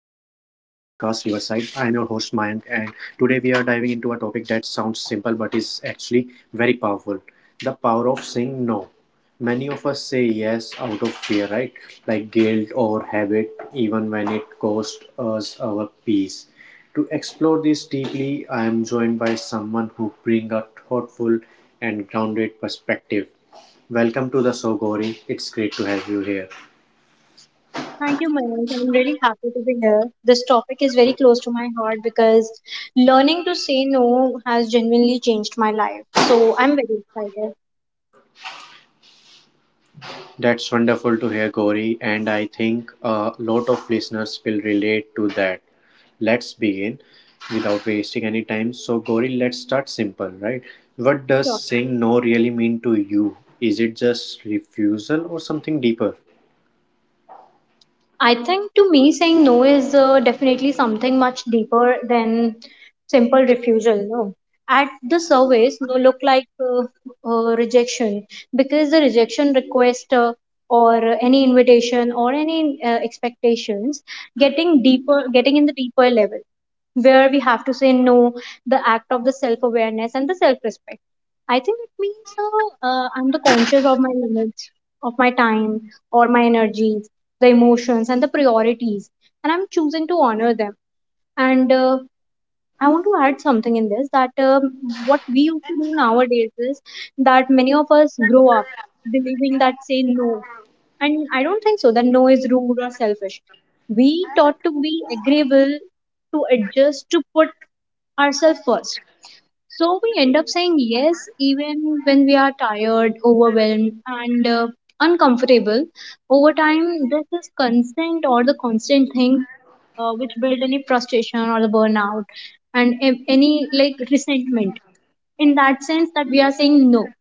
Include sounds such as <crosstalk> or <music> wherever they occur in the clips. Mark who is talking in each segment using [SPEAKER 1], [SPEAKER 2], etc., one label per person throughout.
[SPEAKER 1] your host Mayank, and today we are diving into a topic that sounds simple but is actually very powerful: the power of saying no. Many of us say yes out of fear, right? Like guilt or habit, even when it costs us our peace. To explore this deeply, I am joined by someone who brings a thoughtful and grounded perspective. Welcome to the show, Gauri. It's great to have you here.
[SPEAKER 2] Thank you, Mayank. I'm really happy to be here. This topic is very close to my heart because learning to say no has genuinely changed my life. So I'm very excited.
[SPEAKER 1] That's wonderful to hear, Gauri, and I think a lot of listeners will relate to that. Let's begin without wasting any time. So, Gauri, let's start simple, right? What does
[SPEAKER 2] Sure.
[SPEAKER 1] saying no really mean to you? Is it just refusal or something deeper?
[SPEAKER 2] I think to me, saying no is definitely something much deeper than simple refusal. No, at the surface, no look like rejection because the rejection request or any invitation or any expectations getting deeper, getting in the deeper level where we have to say no, the act of the self awareness and the self respect. I think it means I'm the conscious of my limits, of my time, or my energy, the emotions and the priorities and I'm choosing to honor them and I want to add something in this that what we used to do nowadays is that many of us grow up believing that say no, and I don't think so that no is rude or selfish. We taught to be agreeable, to adjust, to put ourselves first, so we end up saying yes even when we are tired, overwhelmed, and uncomfortable. Over time, this is consent or the constant thing which build any frustration or the burnout and any like resentment in that sense that we are saying no.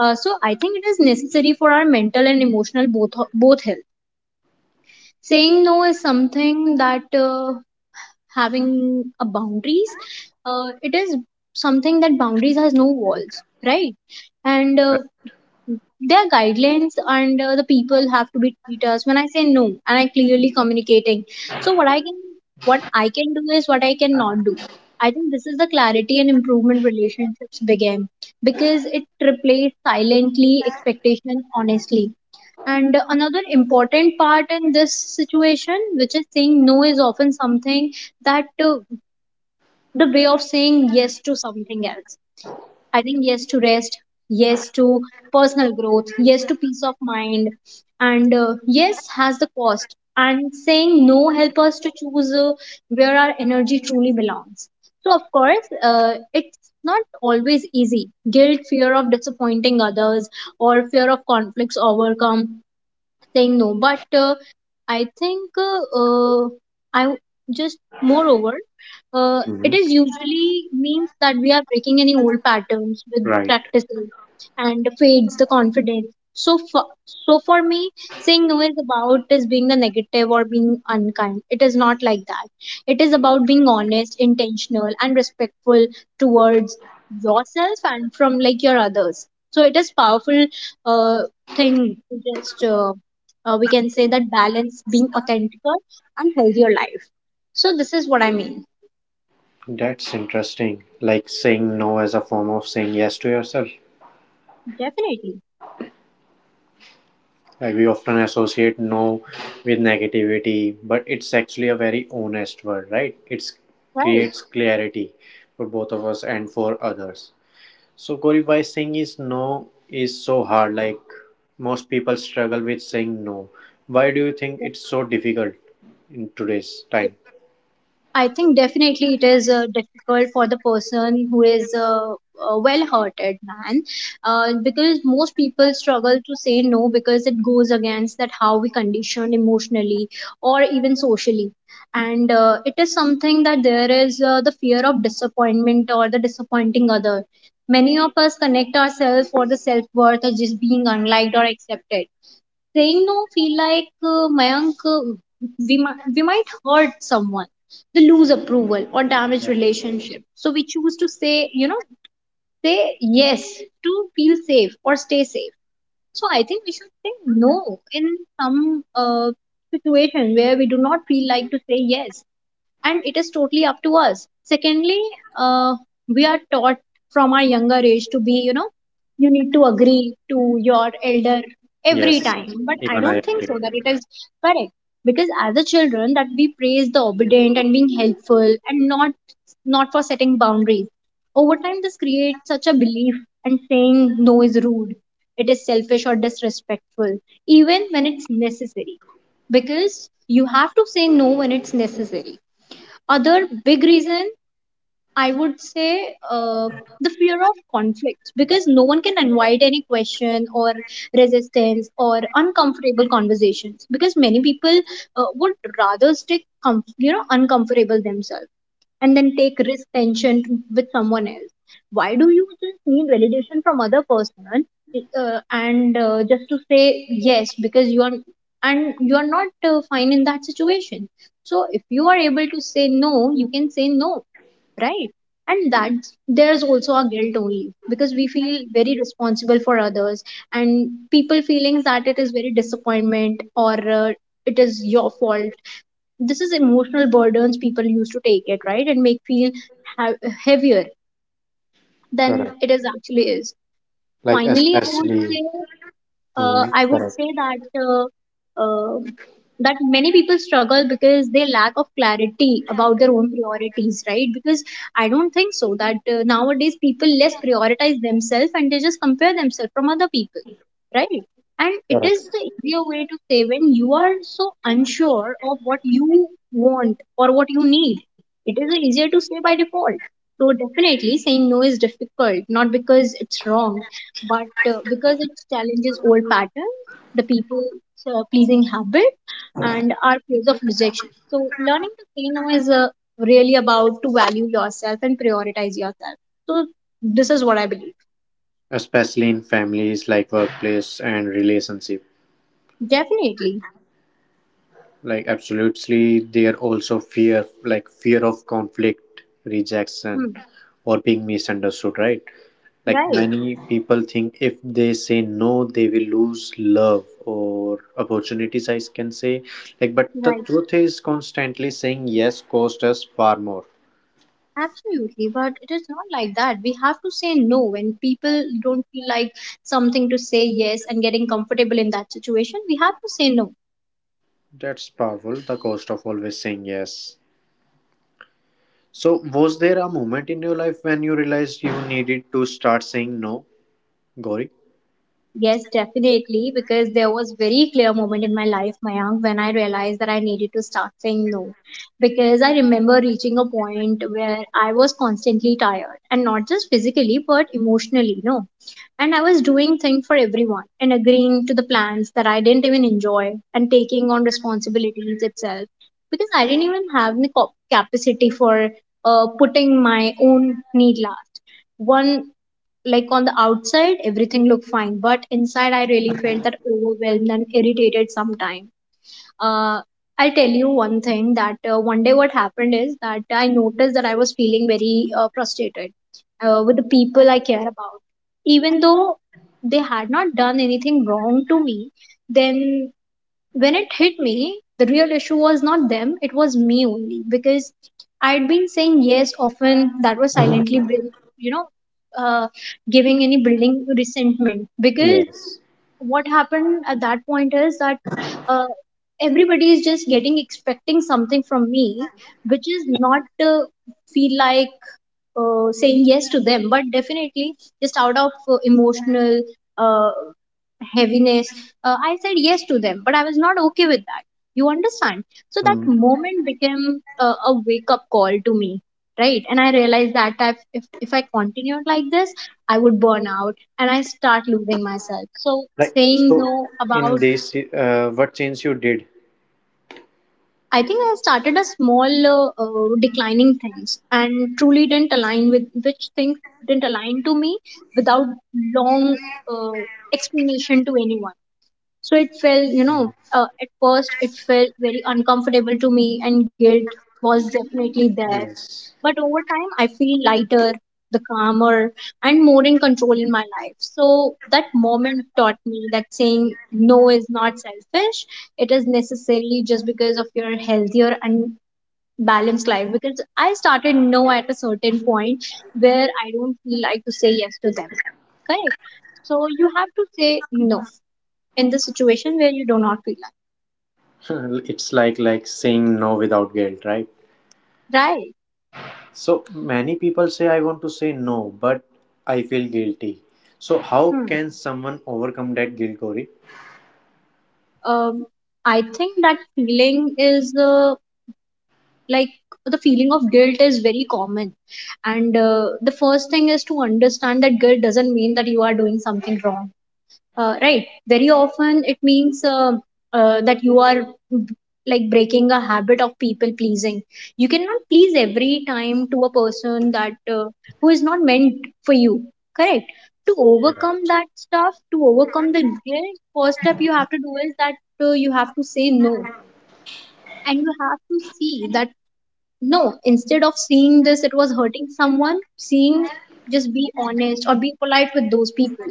[SPEAKER 2] So I think it is necessary for our mental and emotional both health. Saying no is something that having a boundaries, it is something that boundaries has no walls, right? And their guidelines and the people have to be treaters when I say no, and I clearly communicating so what I can, what I can do is what I cannot do. I think this is the clarity and improvement relationships begin because it replaced silently expectation honestly. And another important part in this situation, which is saying no, is often something that the way of saying yes to something else. I think yes to rest, yes to personal growth, yes to peace of mind, and yes has the cost. And saying no help us to choose where our energy truly belongs. So of course, it's not always easy. Guilt, fear of disappointing others, or fear of conflicts overcome saying no, but I think I w- just moreover, uh, it
[SPEAKER 1] Hmm.
[SPEAKER 2] is usually means that we are breaking any old patterns with
[SPEAKER 1] Right.
[SPEAKER 2] practices and fades the confidence. So for me, saying no is about is being the negative or being unkind. It is not like that. It is about being honest, intentional and respectful towards yourself and from like your others. So it is powerful uh, thing to just we can say that balance being authentic,al and healthier life. So this is what I mean.
[SPEAKER 1] That's interesting. Like saying no as a form of saying yes to yourself.
[SPEAKER 2] Definitely,
[SPEAKER 1] Like we often associate no with negativity, but it's actually a very honest word, right? It
[SPEAKER 2] right?
[SPEAKER 1] creates clarity for both of us and for others. So, Gauri, why saying is no is so hard? Like most people struggle with saying no. Why do you think
[SPEAKER 2] Yeah.
[SPEAKER 1] it's so difficult in today's time?
[SPEAKER 2] I think definitely it is difficult for the person who is a well-hearted man, because most people struggle to say no because it goes against that how we condition emotionally or even socially. And it is something that there is the fear of disappointment or the disappointing other. Many of us connect ourselves for the self-worth as just being unliked or accepted. Saying no feel like, Mayank, we might hurt someone, they lose approval or damage relationship. So we choose to say, you know, say yes to feel safe or stay safe. So I think we should say no in some situation where we do not feel like to say yes, and it is totally up to us. Secondly, uh, we are taught from our younger age to be, you know, you need to agree to your elder every
[SPEAKER 1] Yes,
[SPEAKER 2] time, but I
[SPEAKER 1] even I
[SPEAKER 2] don't think
[SPEAKER 1] agree.
[SPEAKER 2] so that it is correct. Because as a children that we praise the obedient and being helpful and not for setting boundaries. Over time this creates such a belief, and saying no is rude, it is selfish or disrespectful, even when it's necessary, because you have to say no when it's necessary. Other big reason I would say, the fear of conflict, because no one can invite any question or resistance or uncomfortable conversations. Because many people would rather stick you know uncomfortable themselves and then take risk tension with someone else. Why do you just need validation from other person, and just to say yes because you are, and you are not fine in that situation. So if you are able to say no, you can say no, right? And that, there's also a guilt only because we feel very responsible for others and people feelings, that it is very disappointment or it is your fault. This is emotional burdens people used to take it, right, and make feel ha- heavier than
[SPEAKER 1] Correct.
[SPEAKER 2] it is actually is.
[SPEAKER 1] Like
[SPEAKER 2] Finally, I would
[SPEAKER 1] especially,
[SPEAKER 2] say uh,
[SPEAKER 1] mhm,
[SPEAKER 2] I would
[SPEAKER 1] correct,
[SPEAKER 2] say that uh, uh, that many people struggle because they lack of clarity about their own priorities, right? Because I don't think so that nowadays people less prioritize themselves and they just compare themselves from other people, right? And it is
[SPEAKER 1] correct.
[SPEAKER 2] the easier way to say when you are so unsure of what you want or what you need. It is easier to say by default. So definitely saying no is difficult, not because it's wrong, but because it challenges old patterns, the people pleasing habit, and our fears of rejection. So, learning to say no is really about to value yourself and prioritize yourself. So, this is what I believe.
[SPEAKER 1] Especially in families like workplace and relationship.
[SPEAKER 2] Definitely.
[SPEAKER 1] Like absolutely, there also fear, like fear of conflict, rejection,
[SPEAKER 2] Hmm.
[SPEAKER 1] or being misunderstood, right? Like
[SPEAKER 2] Right,
[SPEAKER 1] many people think if they say no, they will lose love or opportunities, I can say. Like, but the
[SPEAKER 2] right.
[SPEAKER 1] truth is, constantly saying yes cost us far more.
[SPEAKER 2] Absolutely. But it is not like that. We have to say no when people don't feel like something to say yes and getting comfortable in that situation. We have to say no.
[SPEAKER 1] That's powerful, the cost of always saying yes. So, was there a moment in your life when you realized you needed to start saying no, Gauri?
[SPEAKER 2] Yes, definitely, because there was very clear moment in my life, Mayank, when I realized that I needed to start saying no. Because I remember reaching a point where I was constantly tired, and not just physically, but emotionally, no. And I was doing things for everyone and agreeing to the plans that I didn't even enjoy and taking on responsibilities itself because I didn't even have the capacity for putting my own need last. One, like on the outside everything looked fine but inside I really felt that overwhelmed and irritated sometime. uh, I'll tell you one thing, that one day what happened is that I noticed that I was feeling very frustrated with the people I care about, even though they had not done anything wrong to me. Then when it hit me, the real issue was not them, it was me only, because I'd been saying yes often that was silently, you know, uh, giving any building resentment. Because
[SPEAKER 1] Yes.
[SPEAKER 2] what happened at that point is that uh, everybody is just getting expecting something from me, which is not feel like saying yes to them, but definitely just out of emotional uh, heaviness, I said yes to them but I was not okay with that, you understand? So that moment became a wake up call to me, right? And I realized that I've, if I continued like this I would burn out and I start losing myself. So
[SPEAKER 1] Like
[SPEAKER 2] saying
[SPEAKER 1] so,
[SPEAKER 2] no
[SPEAKER 1] in
[SPEAKER 2] about,
[SPEAKER 1] this, what change you did?
[SPEAKER 2] I think I started a small declining things and truly didn't align with which things didn't align to me without long uh, explanation to anyone. So it felt, you know, at first it felt very uncomfortable to me, and guilt was definitely there.
[SPEAKER 1] Yes,
[SPEAKER 2] But over time, I feel lighter, the calmer, and more in control in my life. So that moment taught me that saying no is not selfish. It is necessarily just because of your healthier and balanced life. Because I started no at a certain point where I don't feel like to say yes to them. Correct. So you have to say no in the situation where you do not feel.
[SPEAKER 1] <laughs> it's like saying no without guilt, right?
[SPEAKER 2] Right.
[SPEAKER 1] So many people say I want to say no, but I feel guilty. So how
[SPEAKER 2] Hmm.
[SPEAKER 1] can someone overcome that guilt, Corey?
[SPEAKER 2] Um, I think that feeling is like the feeling of guilt is very common. And the first thing is to understand that guilt doesn't mean that you are doing something wrong. Right, very often it means that you are breaking a habit of people pleasing. You cannot please every time to a person that who is not meant for you. Correct. To overcome that stuff, to overcome the guilt, first step you have to do is that you have to say no, and you have to see that no instead of seeing this it was hurting someone. Seeing, just be honest or be polite with those people.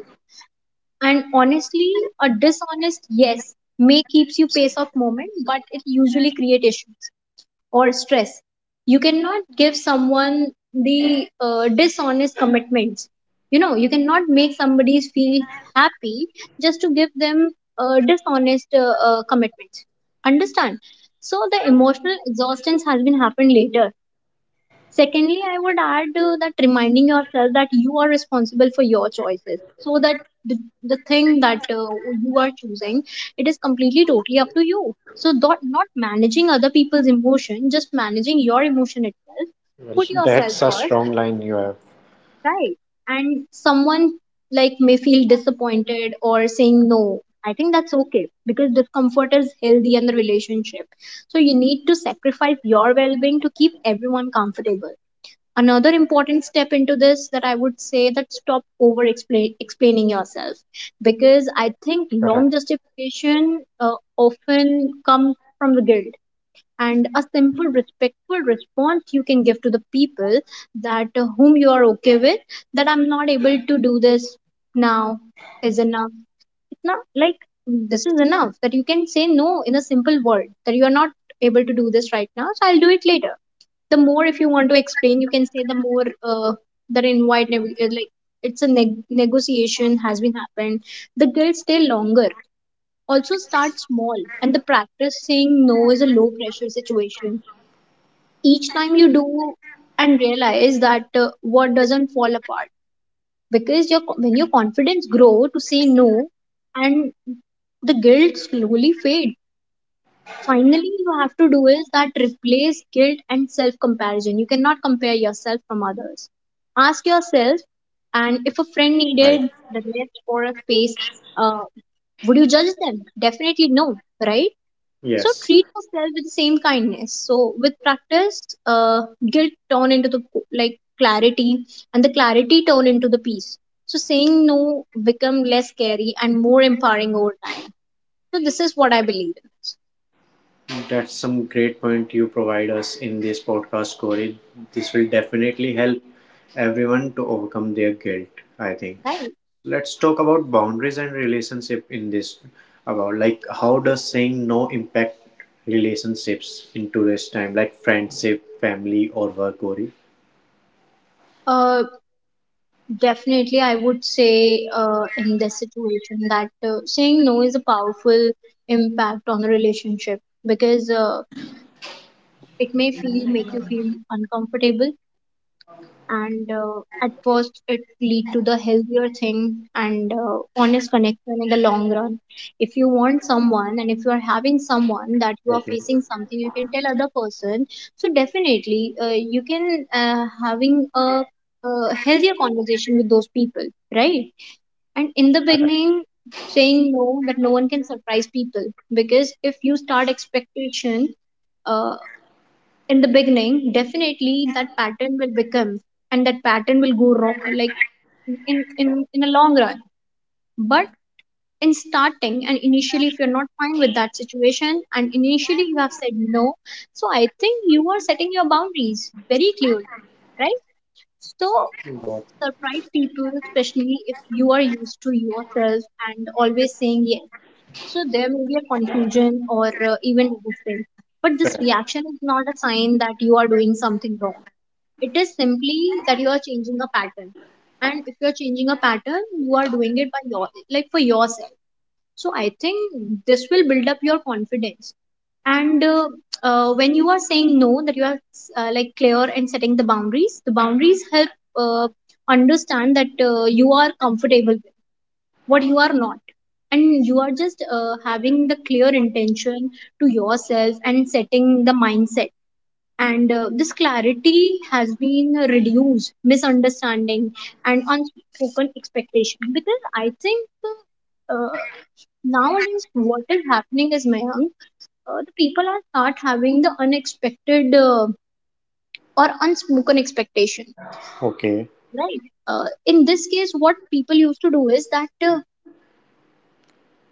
[SPEAKER 2] And honestly, a dishonest yes may keeps you pace of moment, but it usually create issues or stress. You cannot give someone the dishonest commitments. You cannot make somebody feel happy just to give them dishonest commitments, understand? So the emotional exhaustion has been happened later. Secondly, I would add that reminding yourself that you are responsible for your choices, so that the, the thing that you are choosing, it is completely totally up to you. So not managing other people's emotion, just managing your emotion itself.
[SPEAKER 1] Well,
[SPEAKER 2] Put yourself
[SPEAKER 1] that's a
[SPEAKER 2] first,
[SPEAKER 1] strong line you have.
[SPEAKER 2] right? And someone may feel disappointed or saying no. I think that's okay because discomfort is healthy in the relationship, so you need to sacrifice your well-being to keep everyone comfortable. Another important step into this that I would say that stop explaining yourself, because I think long
[SPEAKER 1] Correct.
[SPEAKER 2] justification often come from the guilt. And a simple respectful response you can give to the people that whom you are okay with, that I'm not able to do this now, is enough. It's not like this is enough that you can say no in a simple word that you are not able to do this right now, so I'll do it later. The more if you want to explain, you can say the more uh, the invite neg- like it's a negotiation has been happened, the guilt stay longer. Also start small and the practice saying no is a low pressure situation. Each time you do and realize that what doesn't fall apart, because your when your confidence grow to say no, and the guilt slowly fades. Finally, you have to do is that replace guilt and self comparison. You cannot compare yourself from others. Ask yourself, and if a friend
[SPEAKER 1] Right.
[SPEAKER 2] needed the lift or a space, uh, would you judge them? Definitely no, right? So
[SPEAKER 1] Yes,
[SPEAKER 2] treat yourself with the same kindness. So with practice, uh, guilt turn into the clarity, and the clarity turn into the peace. So saying no become less scary and more empowering over time. So this is what I believe in.
[SPEAKER 1] that's some great point you provide us in this podcast, Corey. This will definitely help everyone to overcome their guilt, I think.
[SPEAKER 2] Right.
[SPEAKER 1] Let's talk about boundaries and relationship in this about like how does saying no impact relationships in today's time like friendship family or work, Gauri?
[SPEAKER 2] Uh, Definitely, I would say in this situation that saying no is a powerful impact on the relationship, because it may feel make you feel uncomfortable, and at first it lead to the healthier thing and honest connection in the long run. If you want someone and if you are having someone that you are
[SPEAKER 1] Okay.
[SPEAKER 2] facing something, you can tell other person. So definitely, you can having a healthier conversation with those people, right? And in the beginning, saying no that no one can surprise people, because if you start expectation uh, in the beginning, definitely that pattern will become, and that pattern will go wrong, in a long run. But in starting and initially if you're not fine with that situation and initially you have said no, so I think you are setting your boundaries very clearly, right? So
[SPEAKER 1] Got.
[SPEAKER 2] surprise people, especially if you are used to yourself and always saying yes. So there may be a confusion or even resistance. But this
[SPEAKER 1] Correct.
[SPEAKER 2] reaction is not a sign that you are doing something wrong. It is simply that you are changing a pattern. And if you are changing a pattern, you are doing it by your for yourself. So I think this will build up your confidence. And when you are saying no that you are clear and setting the boundaries, the boundaries help uh, understand that you are comfortable with what you are not, and you are just having the clear intention to yourself and setting the mindset. And this clarity has been reduced misunderstanding and unspoken expectation, because I think uh, nowadays what is happening is Mayank, the people are start having the unexpected or unspoken expectation,
[SPEAKER 1] Okay.
[SPEAKER 2] right? In this case, what people used to do is that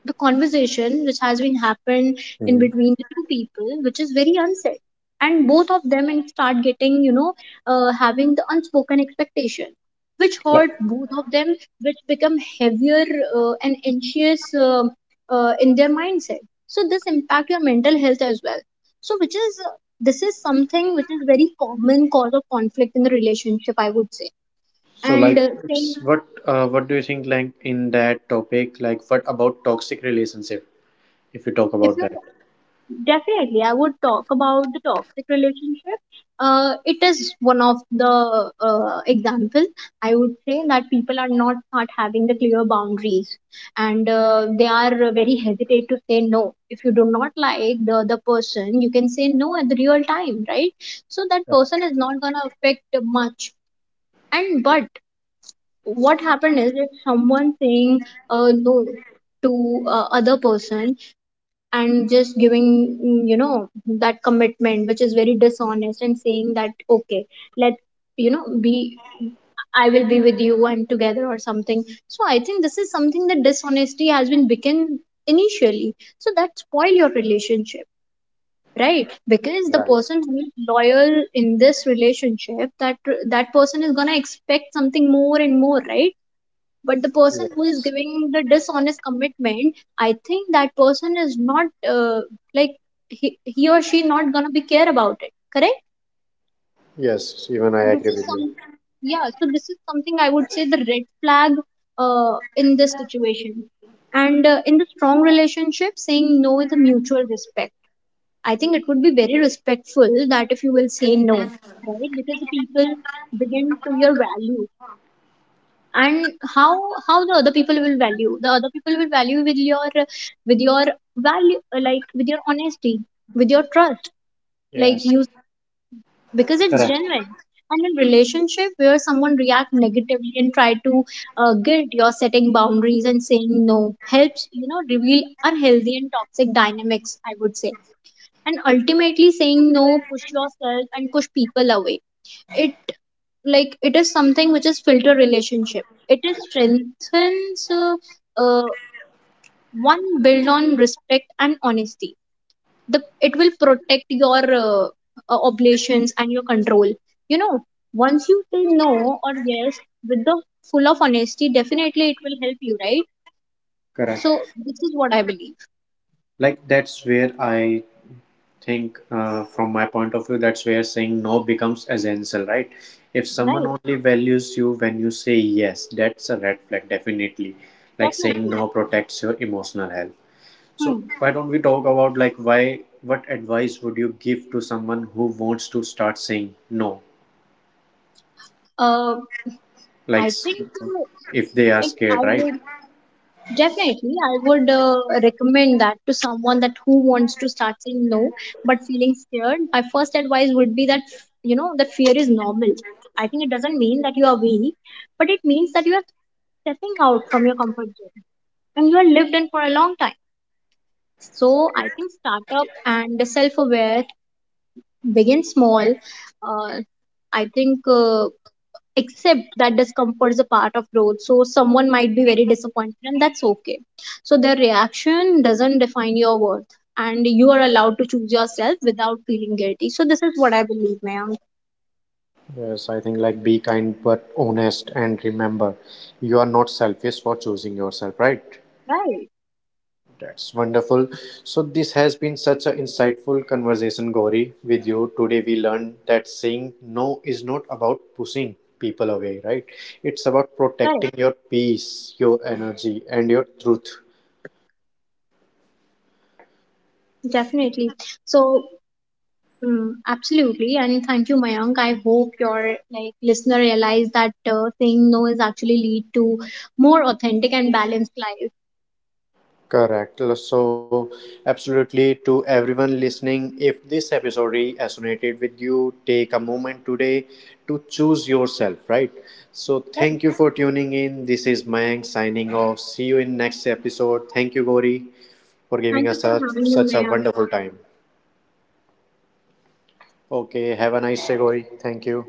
[SPEAKER 2] the conversation which has been happened in
[SPEAKER 1] Mhm.
[SPEAKER 2] between the two people which is very unsaid, and both of them and start getting having the unspoken expectation which
[SPEAKER 1] Like
[SPEAKER 2] hurt both of them, which become heavier and anxious in their mindset. So this impact your mental health as well. So which is this is something which is very common cause of conflict in the relationship, I would say.
[SPEAKER 1] so
[SPEAKER 2] And
[SPEAKER 1] like it's
[SPEAKER 2] saying
[SPEAKER 1] what do you think like in that topic, like what about toxic relationship if you talk
[SPEAKER 2] if
[SPEAKER 1] about
[SPEAKER 2] you're
[SPEAKER 1] that?
[SPEAKER 2] Definitely, I would talk about the toxic relationship. It is one of the example, I would say that people are not having the clear boundaries, and they are very hesitate to say no. If you do not like the other person, you can say no at the real time, right? So that person is not gonna affect much. And but what happened is if someone saying no to other person, and just giving that commitment which is very dishonest and saying that okay, let you know be, I will be with you and together or something. So I think this is something that dishonesty has been begin initially. So that spoil your relationship, right? Because the
[SPEAKER 1] Right.
[SPEAKER 2] person who is loyal in this relationship, that person is gonna expect something more and more, right? But the person who is
[SPEAKER 1] Yes.
[SPEAKER 2] giving the dishonest commitment, I think that person is not uh, like he or she not gonna be care about it, correct.
[SPEAKER 1] Yes, even I
[SPEAKER 2] This
[SPEAKER 1] agree
[SPEAKER 2] is
[SPEAKER 1] with you.
[SPEAKER 2] some, yeah, so this is something I would say the red flag in this situation. And in the strong relationship saying no is a mutual respect. I think it would be very respectful that if you will say no, right? Because the people begin to your value, and how the other people will value, the other people will value with your with your value, like with your honesty, with your trust, like
[SPEAKER 1] Yes.
[SPEAKER 2] you because it's
[SPEAKER 1] Correct.
[SPEAKER 2] genuine. And in relationship where someone react negatively and try to guilt your setting boundaries and saying no helps reveal unhealthy and toxic dynamics, I would say. And ultimately saying no push yourself and push people away. it it is something which is filter relationship, it is strengthens uh, one build on respect and honesty. The It will protect your obligations and your control, you know. Once you say no or yes with the full of honesty, definitely it will help you, right? So
[SPEAKER 1] Correct.
[SPEAKER 2] this is what I believe.
[SPEAKER 1] Like that's where I think from my point of view, that's where saying no becomes essential, right? If someone
[SPEAKER 2] Right.
[SPEAKER 1] only values you when you say yes, that's a red flag, definitely. Like saying
[SPEAKER 2] Definitely.
[SPEAKER 1] no protects your emotional health. So
[SPEAKER 2] Hmm.
[SPEAKER 1] why don't we talk about like why what advice would you give to someone who wants to start saying no,
[SPEAKER 2] uh,
[SPEAKER 1] like
[SPEAKER 2] I think
[SPEAKER 1] if they are
[SPEAKER 2] if I
[SPEAKER 1] scared, right?
[SPEAKER 2] would Definitely, I would recommend that to someone that who wants to start saying no but feeling scared. My first advice would be that you know that fear is normal. I think it doesn't mean that you are weak, but it means that you are stepping out from your comfort zone and you are lived in for a long time. So I think startup and self-aware, begin small. Uh, I think. Accept that discomfort is a part of growth. So someone might be very disappointed, and that's okay. So their reaction doesn't define your worth, and you are allowed to choose yourself without feeling guilty. So this is what I believe, ma'am.
[SPEAKER 1] Yes, I think like be kind but honest and remember you are not selfish for choosing yourself, right?
[SPEAKER 2] Right.
[SPEAKER 1] That's wonderful. So, this has been such an insightful conversation, Gauri, with you. Today, we learned that saying no is not about pushing people away, right? It's about
[SPEAKER 2] Right.
[SPEAKER 1] protecting your peace, your energy, and your truth.
[SPEAKER 2] Definitely. So mm, absolutely, and thank you, Mayank. I hope your listener realize that saying no is actually lead to more authentic and balanced life.
[SPEAKER 1] Correct. So, absolutely, to everyone listening, if this episode really resonated with you, take a moment today to choose yourself, right? So,
[SPEAKER 2] Right.
[SPEAKER 1] thank you for tuning in. This is Mayank signing off. See you in next episode. Thank you, Gauri, for giving
[SPEAKER 2] Thank
[SPEAKER 1] us
[SPEAKER 2] you for
[SPEAKER 1] such
[SPEAKER 2] having me,
[SPEAKER 1] such a
[SPEAKER 2] Mayank.
[SPEAKER 1] wonderful time. Okay, have a nice day, Gauri. Thank you.